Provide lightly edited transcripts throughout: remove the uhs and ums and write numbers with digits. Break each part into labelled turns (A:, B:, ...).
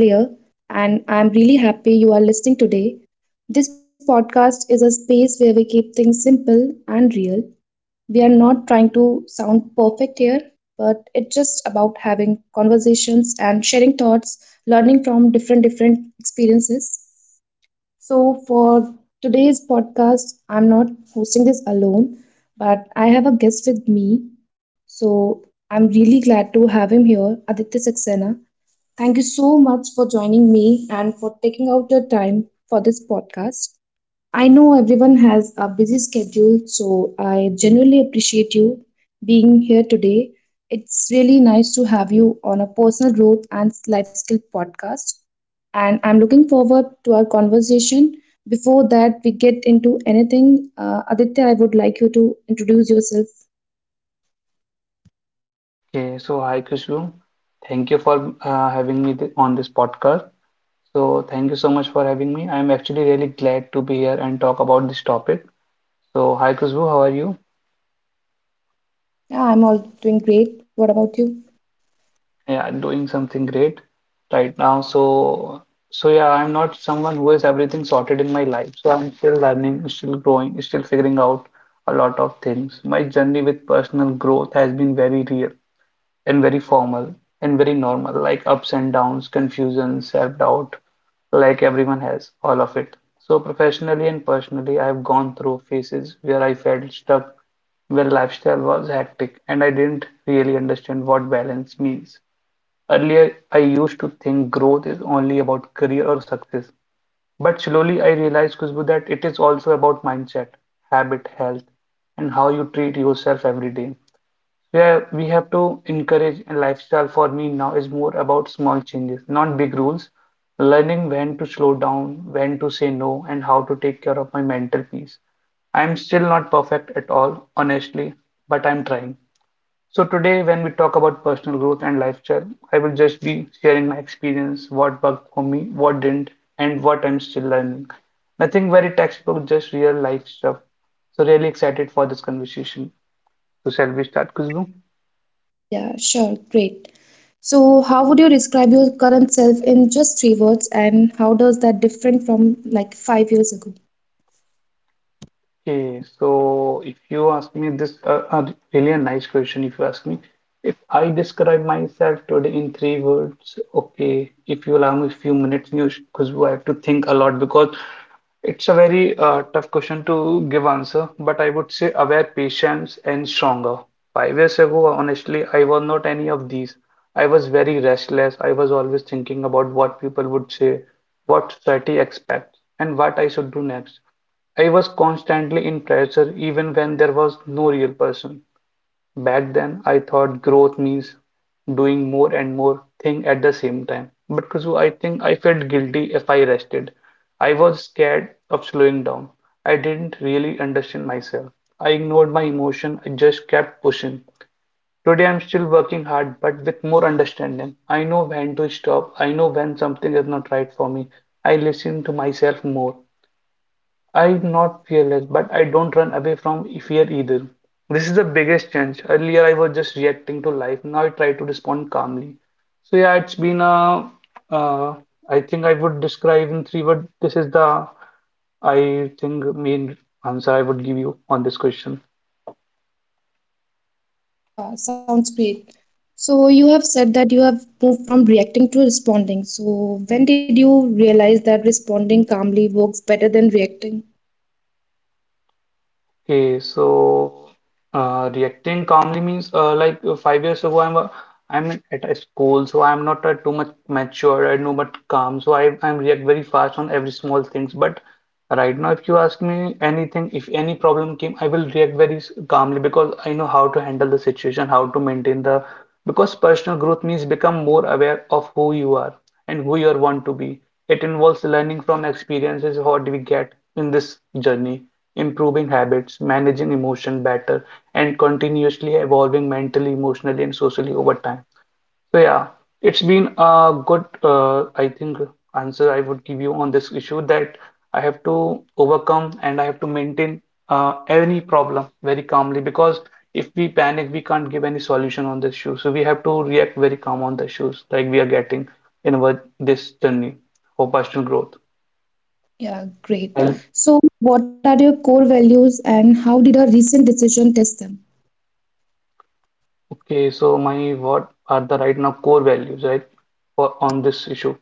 A: Alia, and I'm really happy you are listening today. This podcast is a space where we keep things simple and real. We are not trying to sound perfect here, but it's just about having conversations and sharing thoughts, learning from different experiences. So, for today's podcast, I'm not hosting this alone, but I have a guest with me. So, I'm really glad to have him here, Aditya Saxena. Thank you so much for joining me and for taking out your time for this podcast. I know everyone has a busy schedule, so I genuinely appreciate you being here today. It's really nice to have you on a personal growth and life skill podcast. And I'm looking forward to our conversation. Before that, we get into anything, Aditya, I would like you to introduce yourself.
B: Okay, so hi Kushum. Thank you for having me th on this podcast. So thank you so much for having me. I'm actually really glad to be here and talk about this topic. So hi Kushum, how are you?
A: Yeah, I'm all doing great. What about you?
B: Yeah, I'm doing something great right now. So yeah, I'm not someone who has everything sorted in my life. So I'm still learning, still growing, still figuring out a lot of things. My journey with personal growth has been very real, and very formal and very normal, like ups and downs, confusion, self-doubt, like everyone has, all of it. So professionally and personally, I've gone through phases where I felt stuck, where lifestyle was hectic, and I didn't really understand what balance means. Earlier, I used to think growth is only about career or success. But slowly I realized, Khushbu, that it is also about mindset, habit, health, and how you treat yourself every day. Yeah, we have to encourage a lifestyle for me now is more about small changes, not big rules. Learning when to slow down, when to say no, and how to take care of my mental peace. I'm still not perfect at all, honestly, but I'm trying. So today, when we talk about personal growth and lifestyle, I will just be sharing my experience, what worked for me, what didn't, and what I'm still learning. Nothing very textbook, just real life stuff. So really excited for this conversation. So shall we start, Khushbu?
A: Yeah, sure, great. So, how would you describe your current self in just three words, and how does that different from like 5 years ago?
B: Okay, so if you ask me this, really a nice question. If you ask me, if I describe myself today in three words, okay, if you allow me a few minutes, because I have to think a lot because it's a very tough question to give answer. But I would say aware, patience, and stronger. 5 years ago, honestly, I was not any of these. I was very restless. I was always thinking about what people would say, what society expects, and what I should do next. I was constantly in pressure even when there was no real person. Back then, I thought growth means doing more and more thing at the same time. But Khushbu, I think I felt guilty if I rested. I was scared of slowing down. I didn't really understand myself. I ignored my emotion. I just kept pushing. Today I'm still working hard, but with more understanding. I know when to stop. I know when something is not right for me. I listen to myself more. I'm not fearless, but I don't run away from fear either. This is the biggest change. Earlier, I was just reacting to life. Now I try to respond calmly. So yeah, uh, I think I would describe in three words. This is the, I think, main answer I would give you on this question.
A: Sounds great. So you have said that you have moved from reacting to responding. So when did you realize that responding calmly works better than reacting?
B: Okay, so reacting calmly means like 5 years ago, I'm at a school, so I'm not too much mature and too much calm. So I I'm react very fast on every small things. But right now, if you ask me anything, if any problem came, I will react calmly because I know how to handle the situation, how to maintain the. Because personal growth means become more aware of who you are and who you are want to be. It involves learning from experiences, what we get in this journey, improving habits, managing emotion better, and continuously evolving mentally, emotionally, and socially over time. So yeah, it's been a good, I think, answer I would give you on this issue that I have to overcome and I have to maintain any problem very calmly because if we panic, we can't give any solution on this issue. So we have to react very calm on the issues like we are getting in our this journey for personal growth.
A: Yeah,
B: And
A: great. So what are your core values and how did a recent decision test them?
B: okay, so my what are the right now core values, right, for on this issue?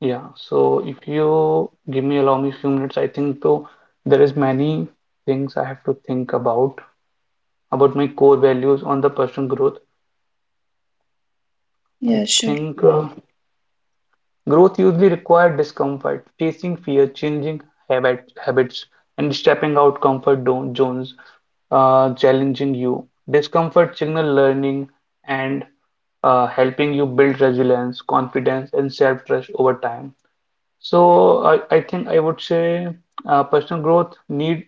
B: Yeah, so if you give me allow me few minutes, I think though there is many things I have to think about my core values on the personal growth. I
A: Yeah, sure.
B: think yeah. Growth usually requires discomfort, facing fear, changing habits, and stepping out zones, challenging you. Discomfort signal learning and helping you build resilience, confidence, and self-trust over time. So I think I would say personal growth need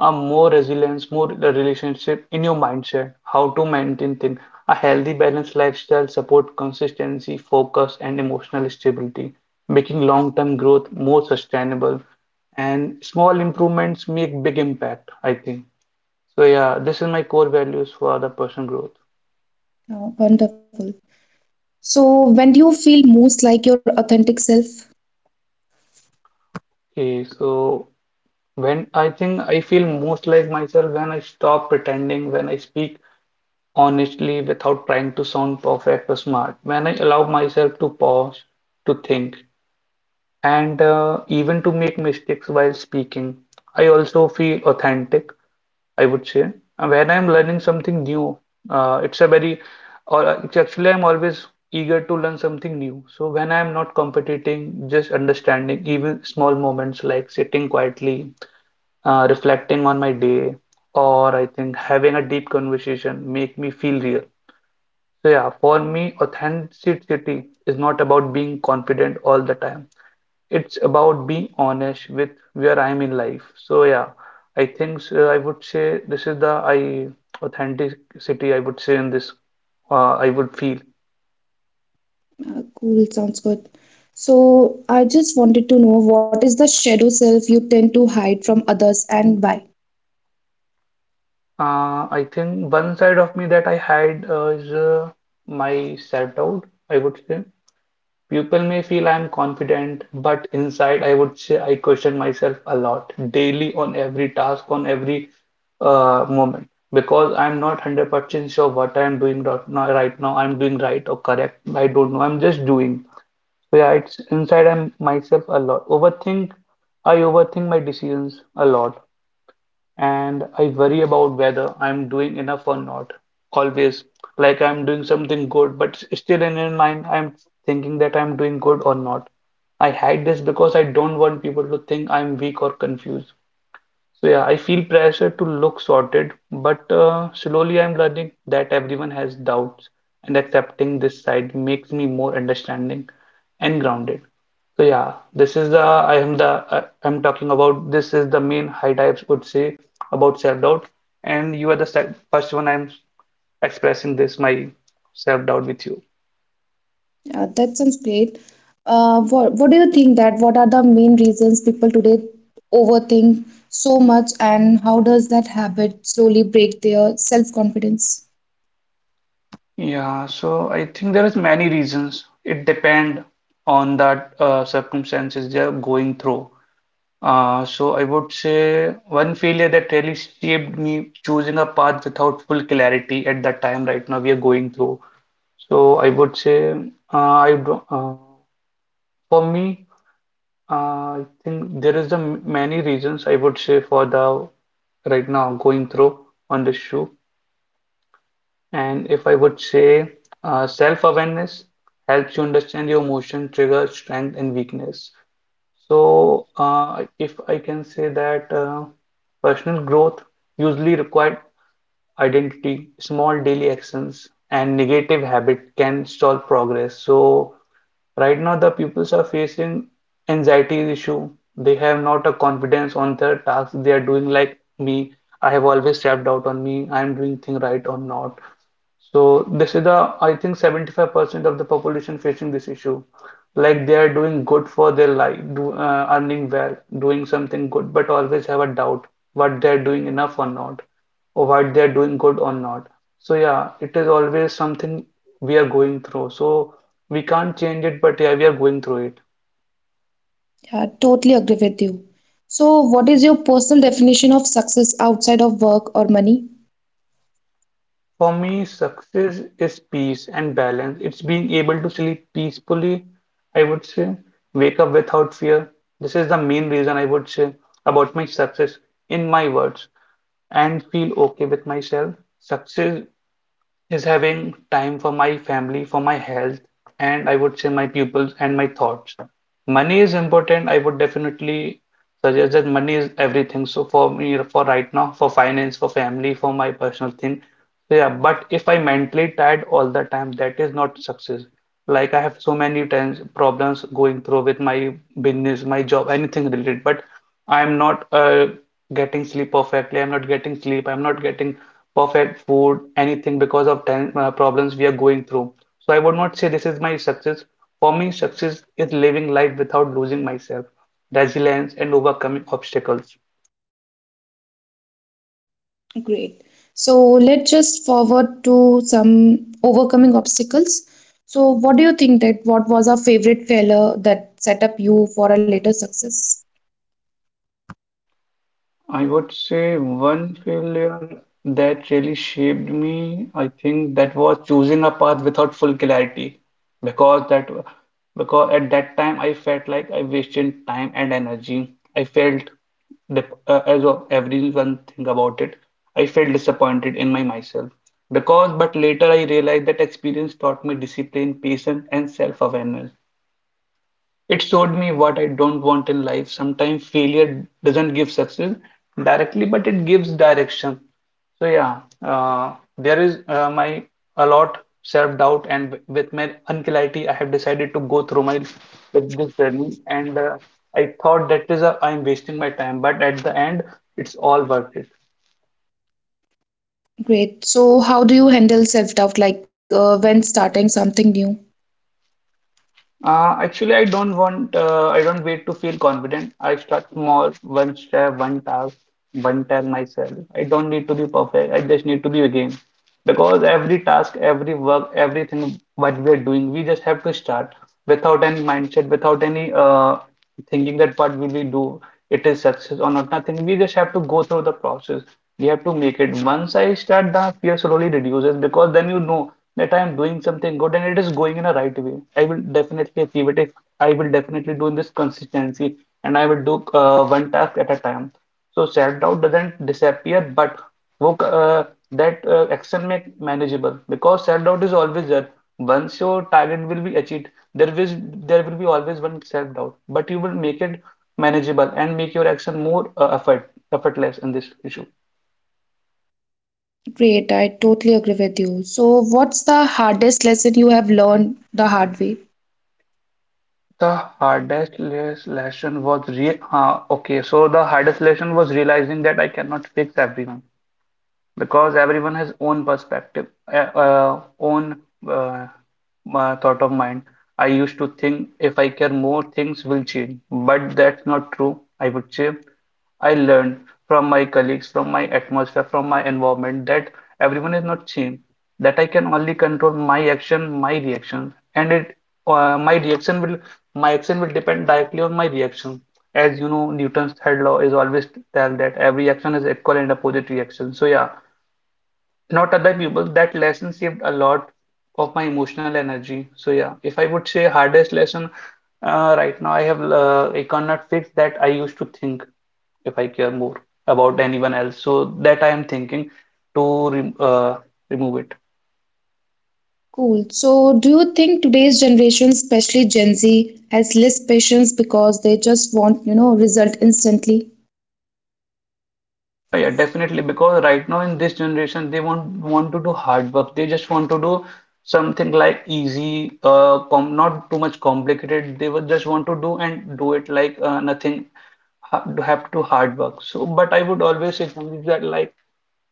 B: a more resilience, more the relationship in your mindset, how to maintain things, a healthy balanced lifestyle support consistency, focus, and emotional stability, making long-term growth more sustainable, and small improvements make big impact, I think. So yeah, this is my core values for the personal growth.
A: Wonderful. So when do you feel most like your authentic self?
B: Okay, so when I think I feel most like myself when I stop pretending, when I speak honestly without trying to sound perfect or smart. When I allow myself to pause, to think, and even to make mistakes while speaking, I also feel authentic, I would say. And when I'm learning something new, it's a very, or it's actually I'm always eager to learn something new. So when I'm not competing, just understanding even small moments like sitting quietly, reflecting on my day, or I think having a deep conversation make me feel real. So yeah, for me, authenticity is not about being confident all the time. It's about being honest with where I am in life. So yeah, I think so I would say this is the I authenticity I would say in this, I would feel.
A: Cool, sounds good. So I just wanted to know what is the shadow self you tend to hide from others and why?
B: I think one side of me that I had is my self-doubt, I would say. People may feel I am confident, but inside I would say I question myself a lot daily on every task, on every moment because I'm not 100% sure what I'm doing right now, right now. I'm doing right or correct. I don't know. I'm just doing. So yeah, it's inside I'm myself a lot. Overthink. I overthink my decisions a lot and I worry about whether I'm doing enough or not. Always, like I'm doing something good, but still in my mind, I'm thinking that I'm doing good or not. I hide this because I don't want people to think I'm weak or confused. So yeah, I feel pressure to look sorted, but slowly I'm learning that everyone has doubts, and accepting this side makes me more understanding and grounded. So yeah, this is the I am the I'm talking about this is the main high types would say about self-doubt, and you are the first one I'm expressing this my self-doubt with you.
A: Yeah, that sounds great. What do you think that what are the main reasons people today overthink so much and how does that habit slowly break their self-confidence?
B: Yeah, so I think there is many reasons. It depend on that circumstances they are going through. So I would say one failure that really shaped me choosing a path without full clarity at that time right now we are going through. So I would say for me I think there is many reasons I would say for the right now going through on this shoe. And if I would say self-awareness helps you understand your emotion, trigger, strength, and weakness. So, if I can say that personal growth usually required identity, small daily actions, and negative habit can stall progress. So, right now the pupils are facing anxiety issue. They have not a confidence on their tasks. They are doing like me. I have always stepped out on me. I am doing thing right or not. So this is the, I think 75% of the population facing this issue. Like they are doing good for their life, earning well, doing something good, but always have a doubt what they are doing enough or not, or what they are doing good or not. So yeah, it is always something we are going through. So we can't change it, but yeah, we are going through it.
A: Yeah, totally agree with you. So what is your personal definition of success outside of work or money?
B: For me, success is peace and balance. It's being able to sleep peacefully, I would say, wake up without fear. This is the main reason I would say about my success in my words and feel okay with myself. Success is having time for my family, for my health, and I would say my pupils and my thoughts. Money is important. I would definitely suggest that money is everything. So for me, for right now, for finance, for family, for my personal thing. So yeah, but if I mentally tired all the time, that is not success. Like I have so many times problems going through with my business, my job, anything related, but I'm not getting sleep perfectly. I'm not getting sleep. I'm not getting perfect food, anything because of time, problems we are going through. So I would not say this is my success. For me, success is living life without losing myself, resilience, and overcoming obstacles.
A: Great. So let's just forward to some overcoming obstacles. So what do you think that what was our favorite failure that set up you for a later success?
B: I would say one failure that really shaped me, I think that was choosing a path without full clarity because that because at that time I felt like I wasted time and energy. I felt as of everyone think about it, I felt disappointed in my myself because but later I realized that experience taught me discipline, patience and self-awareness. It showed me what I don't want in life. Sometimes failure doesn't give success directly, but it gives direction. So yeah, there is my a lot self-doubt and with my anxiety, I have decided to go through my with this journey and I thought that is a, I'm wasting my time, but at the end, it's all worth it.
A: Great. So, how do you handle self doubt like when starting something new?
B: Actually, I don't wait to feel confident. I start small, one step, one task, one time myself. I don't need to be perfect. I just need to be again. Because every task, every work, everything what we are doing, we just have to start without any mindset, without any thinking that what will we do, it is success or not, nothing. We just have to go through the process. We have to make it. Once I start, the fear slowly reduces because then you know that I'm doing something good and it is going in a right way. I will definitely achieve it if I will definitely do in this consistency and I will do one task at a time. So self-doubt doesn't disappear, but wo- that action make manageable because self-doubt is always there. Once your target will be achieved, there will there will be always one self-doubt, but you will make it manageable and make your action more effortless in this issue.
A: Great. I totally agree with you. So, what's the hardest lesson you have learned the hard way?
B: The hardest lesson was re okay. So the hardest lesson was realizing that I cannot fix everyone because everyone has own perspective, own uh, thought of mind. I used to think if I care more, things will change, but that's not true. I would say I learned from my colleagues, from my atmosphere, from my environment that everyone is not same, that I can only control my action, my reaction, and it my reaction will my action will depend directly on my reaction. As you know, Newton's third law is always tell that every action is equal and opposite reaction. So yeah, not other people, that lesson saved a lot of my emotional energy. So yeah, if I would say hardest lesson right now I have, I cannot fix that I used to think if I care more about anyone else, so that I am thinking to re remove it.
A: Cool. So, do you think today's generation, especially Gen Z, has less patience because they just want, you know, result instantly?
B: Yeah, yeah, definitely, because right now in this generation they won't want to do hard work. They just want to do something like easy, com not too much complicated. They would just want to do and do it like nothing, have to do hard work. So, but I would always advise that, like,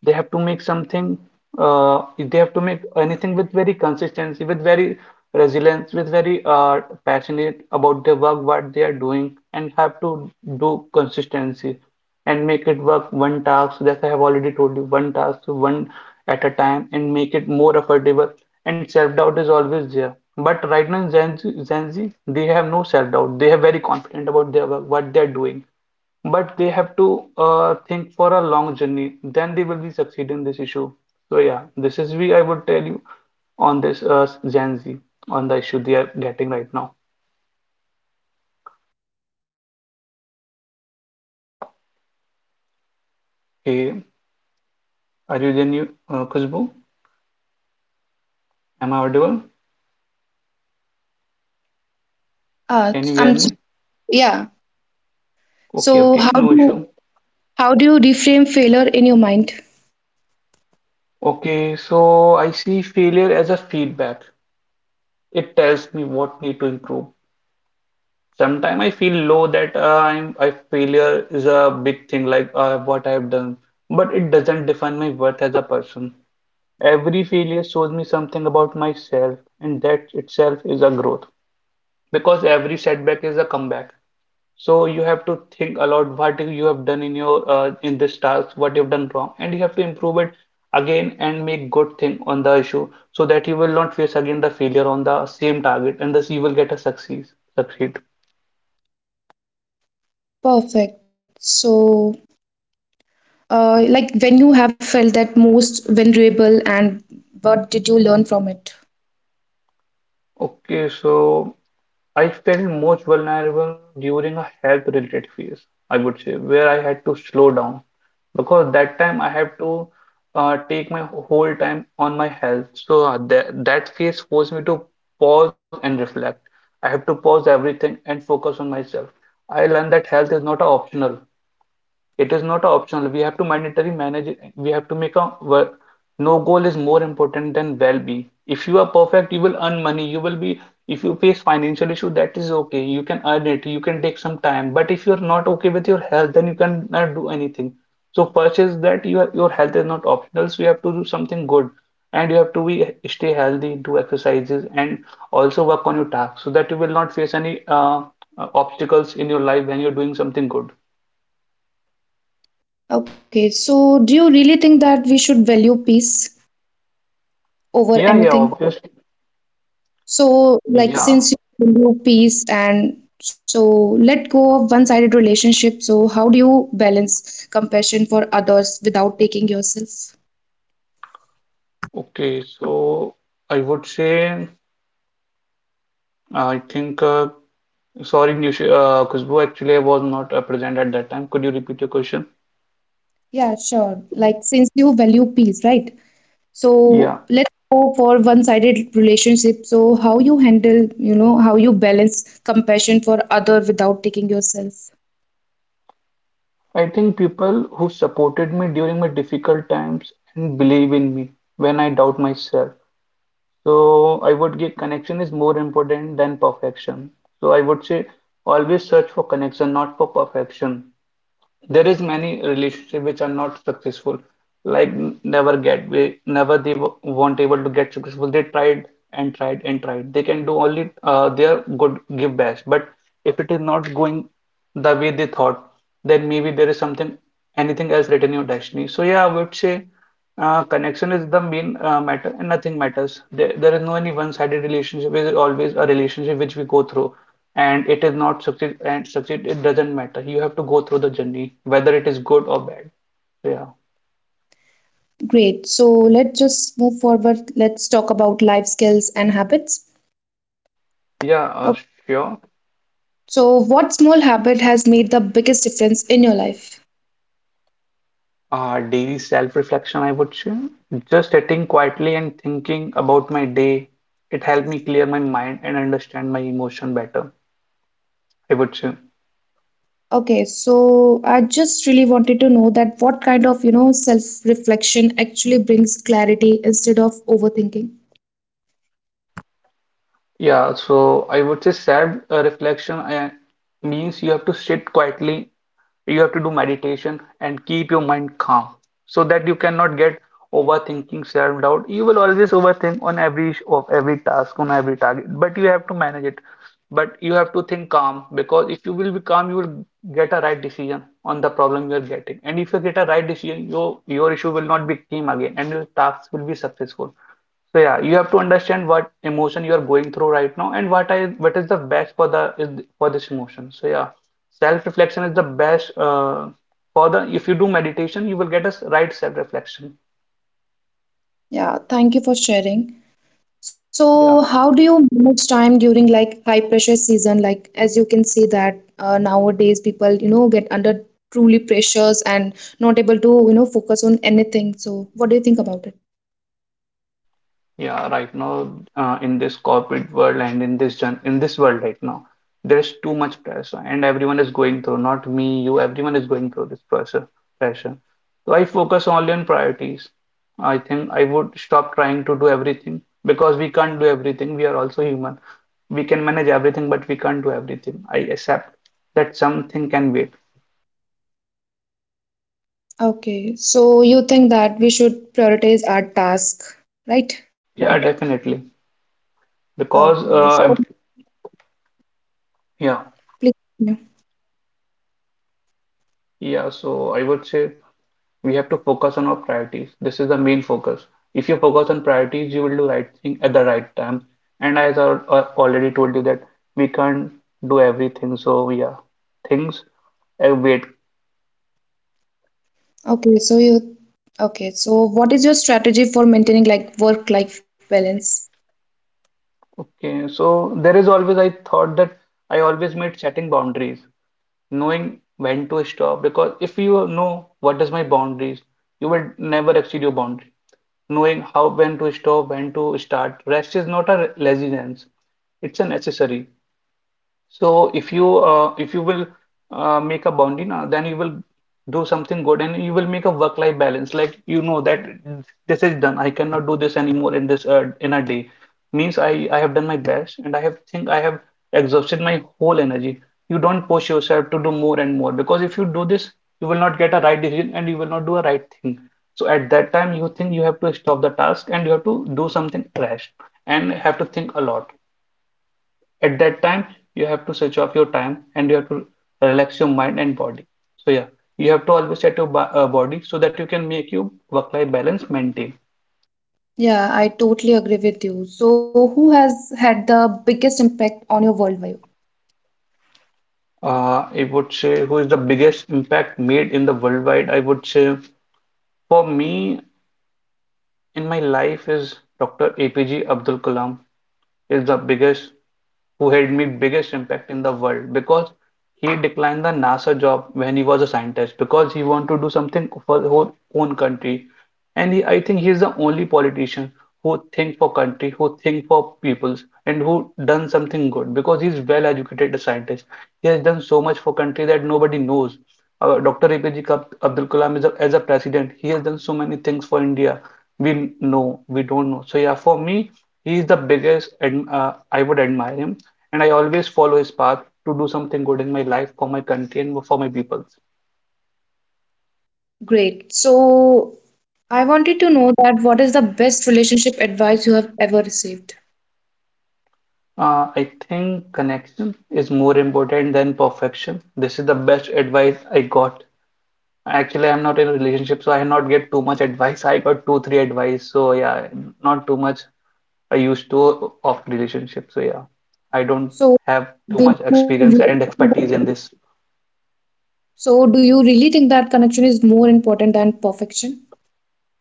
B: they have to make something, they have to make anything with very consistency, with very resilience, with very passionate about the work what they are doing, and have to do consistency and make it work one task. That I have already told you, one task, one at a time, and make it more affordable. And self-doubt is always there. But right now in Gen Z, they have no self-doubt. They are very confident about their work, what they are doing, but they have to think for a long journey, then they will be succeed in this issue. So yeah, this is, we, I would tell you on this Gen Z, on the issue they are getting right now. Hey, are you then you, Khushbu, am I audible?
A: Uh,
B: Can you hear
A: I'm so-
B: me?
A: yeah.
B: Okay,
A: So,
B: okay, no issue.
A: how do you reframe failure in your mind?
B: Okay, so I see failure as a feedback. It tells me what need to improve. Sometimes I feel low that, I'm I failure is a big thing, like what I've done, but it doesn't define my worth as a person. Every failure shows me something about myself, and that itself is a growth because every setback is a comeback. So you have to think a lot what you have done in your in this task, what you've done wrong, and you have to improve it again and make good thing on the issue so that you will not face again the failure on the same target and thus you will get a success succeed.
A: Perfect. So, like when you have felt that most vulnerable and what did you learn from it?
B: Okay, so I felt most vulnerable during a health-related phase, I would say, where I had to slow down because that time I had to take my whole time on my health. So that phase forced me to pause and reflect. I have to pause everything and focus on myself. I learned that health is not a optional. It is not optional. We have to mandatory manage. We have to make a work. No goal is more important than well-being. If you are perfect, you will earn money. You will be. If you face financial issue, that is okay. You can earn it. You can take some time. But if you are not okay with your health, then you cannot do anything. So first is that your health is not optional. So you have to do something good, and you have to be stay healthy, do exercises, and also work on your tasks so that you will not face any obstacles in your life when you're doing something good.
A: Okay, so do you really think that we should value peace
B: Yeah,
A: over
B: yeah,
A: anything?
B: obviously.
A: So, like,
B: Yeah,
A: since you value peace and so let go of one-sided relationship, so how do you balance compassion for others without taking yourself?
B: okay. So I would say, I think, sorry, Nish, Khushbu, actually, I was not present at that time. Could you repeat your question?
A: Yeah, sure. Like, since you value peace, right? So
B: Yeah,
A: let's go for one-sided relationship. So how you handle, you know, how you balance compassion for other without taking yourself.
B: I think people who supported me during my difficult times and believe in me when I doubt myself. So I would give connection is more important than perfection. So I would say, always search for connection, not for perfection. There is many relationship which are not successful, like, never get we never, they weren't able to get successful. They tried and tried and tried. They can do only their good, give best. But if it is not going the way they thought, then maybe there is something, anything else written in your destiny. So yeah, I would say connection is the main matter, and nothing matters. There is no any one-sided relationship. It is always a relationship which we go through, and it is not succeed and succeed. It doesn't matter. You have to go through the journey, whether it is good or bad. So, yeah.
A: Great. So let's just move forward. Let's talk about life skills and habits.
B: Yeah,
A: Okay.
B: sure.
A: So what small habit has made the biggest difference in your life?
B: Daily self-reflection, I would say. Just sitting quietly and thinking about my day. It helped me clear my mind and understand my emotion better, I would say.
A: Okay, so I just really wanted to know that what kind of, you know, self-reflection actually brings clarity instead of overthinking.
B: Yeah, so I would say sad reflection means you have to sit quietly, you have to do meditation and keep your mind calm so that you cannot get overthinking, self-doubt. You will always overthink on every sh- of every task, on every target, but you have to manage it. But you have to think calm because if you will be calm, you will get a right decision on the problem you are getting. And if you get a right decision, your issue will not be came again and your tasks will be successful. So yeah, you have to understand what emotion you are going through right now and what is the best for the is for this emotion. So yeah, self-reflection is the best for the, if you do meditation, you will get a right self-reflection.
A: Yeah, thank you for sharing. So,
B: Yeah.
A: how do you manage time during like high pressure season? Like, as you can see that nowadays people, you know, get under truly pressures and not able to, you know, focus on anything. So, what do you think about it?
B: Yeah, right now, in this corporate world and in this gen in this world right now, there's too much pressure, and everyone is going through. Not me, you. Everyone is going through this pressure. Pressure. So I focus only on priorities. I think I would stop trying to do everything because we can't do everything. We are also human. We can manage everything, but we can't do everything. I accept that something can wait.
A: Okay, so you think that we should prioritize our task, right?
B: Yeah, definitely. Because
A: Okay, so
B: yeah,
A: please continue.
B: yeah. So I would say, we have to focus on our priorities. This is the main focus. If you focus on priorities, you will do right thing at the right time. And as I already told you that we can't do everything. So yeah, things wait.
A: Okay, so you. Okay, so what is your strategy for maintaining like work-life balance?
B: Okay, so there is always I thought that I always made setting boundaries, knowing when to stop. Because if you know what is my boundaries, you will never exceed your boundary, knowing how when to stop, when to start. Rest is not a laziness, it's a necessary. So if you will make a boundary now, then you will do something good and you will make a work-life balance. Like you know that this is done. I cannot do this anymore in this in a day. Means I have done my best and I have think I have exhausted my whole energy. You don't push yourself to do more and more because if you do this, you will not get a right decision and you will not do a right thing. So at that time, you think you have to stop the task and you have to do something rash and have to think a lot. At that time, you have to switch off your time and you have to relax your mind and body. So yeah, you have to always set your body so that you can make your work-life balance maintain.
A: Yeah, I totally agree with you. So, who has had the biggest impact on your worldview?
B: I would say who is the biggest impact made in the worldwide? I would say for me, in my life is Dr. APJ Abdul Kalam is the biggest who had made biggest impact in the world because he declined the NASA job when he was a scientist because he wanted to do something for his own country. And he, I think he is the only politician who think for country, who think for peoples, and who done something good because he's well educated scientist. He has done so much for country that nobody knows. Dr. APJ Abdul Kalam is a, as a president, he has done so many things for India. We know, we don't know. So yeah, for me, he is the biggest. I would admire him, and I always follow his path to do something good in my life for my country and for my people.
A: Great. So, I wanted to know that what is the best relationship advice you have ever received?
B: I think connection is more important than perfection. This is the best advice I got. Actually, I'm not in a relationship, so I not get too much advice. I got two, three advice. So yeah, not too much. I used to of relationship. So yeah, I don't
A: So,
B: have too
A: do
B: much
A: you
B: experience and
A: really,
B: expertise in this.
A: so do you really think that connection is more important than perfection?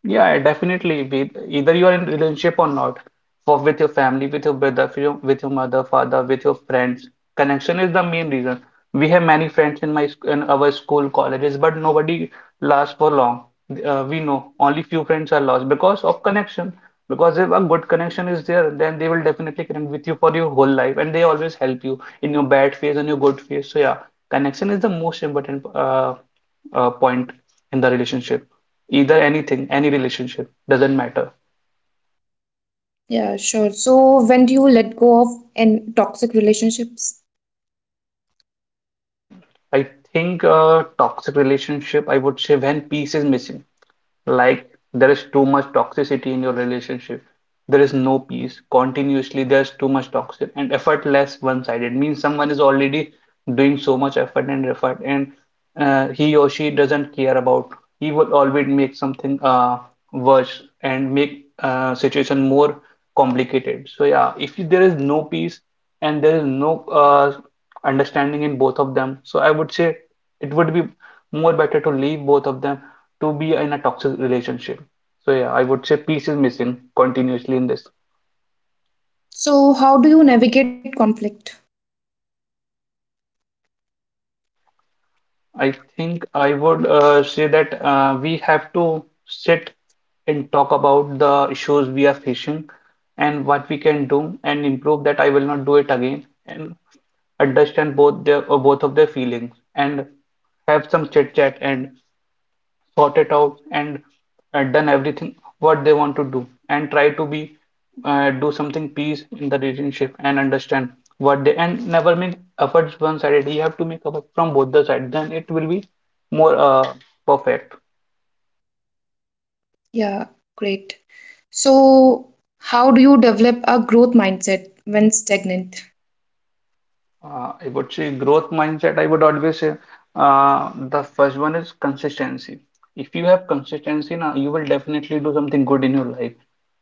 B: Yeah, definitely. With either you are in relationship or not, for with your family, with your brother, with your mother, father, with your friends, connection is the main reason. We have many friends in in our school, colleges, but nobody lasts for long. We know only few friends are lost because of connection. Because if a good connection is there, then they will definitely connect with you for your whole life, and they always help you in your bad phase and your good phase. So yeah, connection is the most important point in the relationship either anything, any relationship, doesn't matter.
A: Yeah, sure. So, when do you let go of in toxic relationships?
B: I think a toxic relationship, I would say when peace is missing. Like there is too much toxicity in your relationship. There is no peace. Continuously, there's too much toxic and effortless one-sided means someone is already doing so much effort and he or she doesn't care about. He will always make something worse and make situation more complicated. So yeah, if there is no peace and there is no understanding in both of them. So I would say it would be more better to leave both of them to be in a toxic relationship. So yeah, I would say peace is missing continuously in this.
A: So, how do you navigate conflict?
B: I think I would say that we have to sit and talk about the issues we are facing and what we can do and improve that I will not do it again and understand both of their feelings and have some chit chat and sort it out and done everything what they want to do and try to be do something peace in the relationship and understand what they and never make efforts one sided. You have to make effort from both the sides, then it will be more perfect.
A: Yeah, great. So, how do you develop a growth mindset when stagnant?
B: I would say growth mindset. I would always say the first one is consistency. If you have consistency now, you will definitely do something good in your life.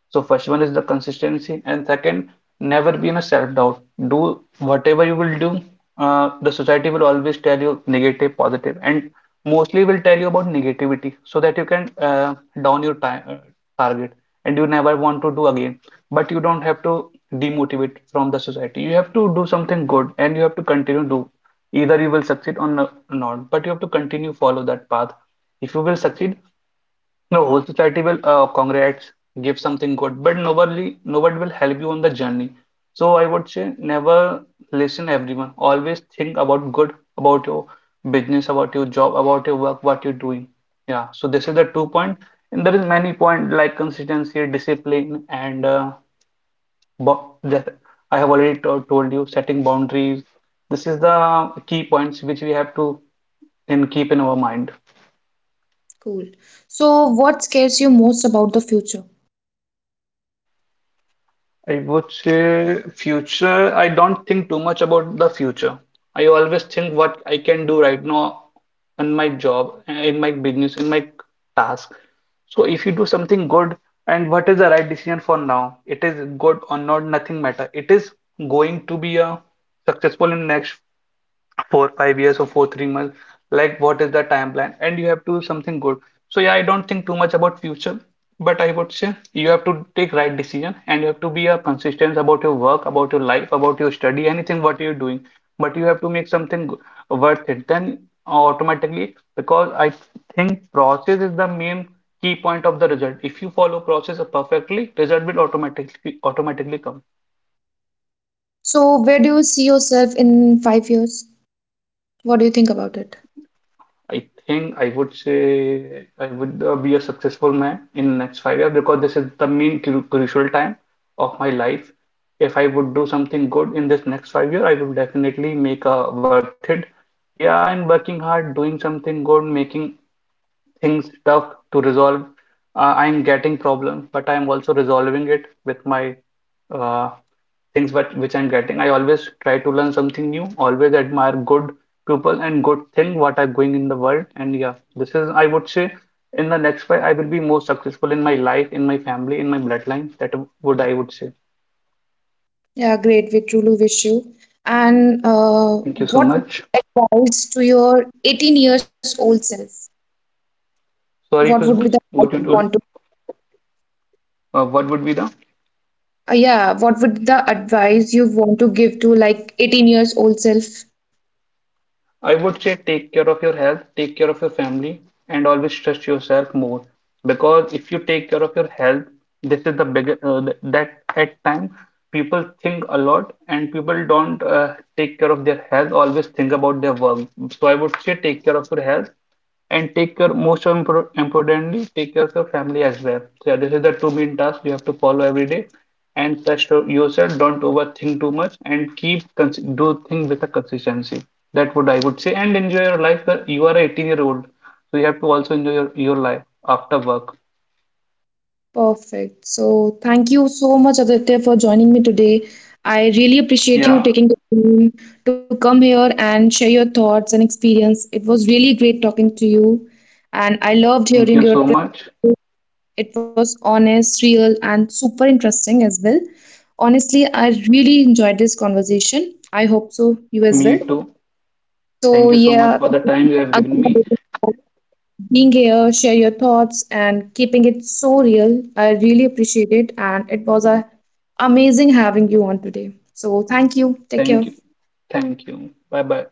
B: So first one is the consistency, and second, never be in a self-doubt. Do whatever you will do, the society will always tell you negative, positive, and mostly will tell you about negativity so that you can down your target and you never want to do again. But you don't have to demotivate from the society. You have to do something good and you have to continue do. Either you will succeed or not, but you have to continue follow that path. If you will succeed, no, whole society will, congrats, give something good, but nobody will help you on the journey. So I would say never listen everyone. Always think about good, about your business, about your job, about your work, what you're doing. Yeah. So this is the two point, and there is many point like consistency, discipline, and that I have already told you setting boundaries. This is the key points which we have to and keep in our mind.
A: Cool. So, what scares you most about the future?
B: I would say future, I don't think too much about the future. I always think what I can do right now in my job, in my business, in my task. So if you do something good and what is the right decision for now, it is good or not, nothing matter. It is going to be a successful in next 4 5 years or 4 3 months, like what is the timeline and you have to do something good. So yeah, I don't think too much about future, but I would say you have to take right decision and you have to be a consistent about your work, about your life, about your study, anything what you're doing. But you have to make worth it, then automatically, because I think process is the main key point of the result. If you follow process perfectly, result will automatically come.
A: So, where do you see yourself in 5 years? What do you think about it?
B: I think I would say I would be a successful man in next 5 years because this is the main crucial time of my life. If I would do something good in this next 5 year, I would definitely make a worth it. Yeah, I'm working hard, doing something good, making things tough to resolve. I'm getting problems, but I'm also resolving it with my uh, things what which I'm getting. I always try to learn something new, always admire good people and good thing what are going in the world. And yeah, this is I would say in the next five I will be more successful in my life, in my family, in my bloodline. That would I would say.
A: Yeah, great. We truly wish you. And
B: Thank you so
A: what
B: much.
A: advice to your 18 years old self? What
B: Sorry,
A: would be the
B: Khushbu,
A: advice
B: what
A: you
B: you
A: want
B: told,
A: to?
B: what would be the
A: Yeah, what would the advice you want to give to like 18 years old self?
B: I would say take care of your health, take care of your family, and always trust yourself more. Because if you take care of your health, this is the big that at times people think a lot and people don't take care of their health, always think about their work. So I would say take care of your health, and take care, most importantly, take care of your family as well. So yeah, this is the two main tasks you have to follow every day, and trust yourself, don't overthink too much and keep do things with a consistency. That would I would say. And enjoy your life. You are 18-year old, so you have to also enjoy your life after work.
A: Perfect. So, thank you so much, Aditya, for joining me today. I really appreciate you
B: Yeah,
A: taking the time to come here and share your thoughts and experience. It was really great talking to you, and I loved
B: thank you
A: hearing
B: so
A: your
B: much.
A: perspective. It was honest, real, and super interesting as well. Honestly, I really enjoyed this conversation. I hope so, you as
B: Me
A: well.
B: too.
A: So,
B: Thank you so much
A: yeah,
B: for the time you have given me.
A: being here, share your thoughts, and keeping it so real. I really appreciate it, and it was a amazing having you on today. So thank you. Take
B: Thank
A: care.
B: you. Thank you. Bye bye.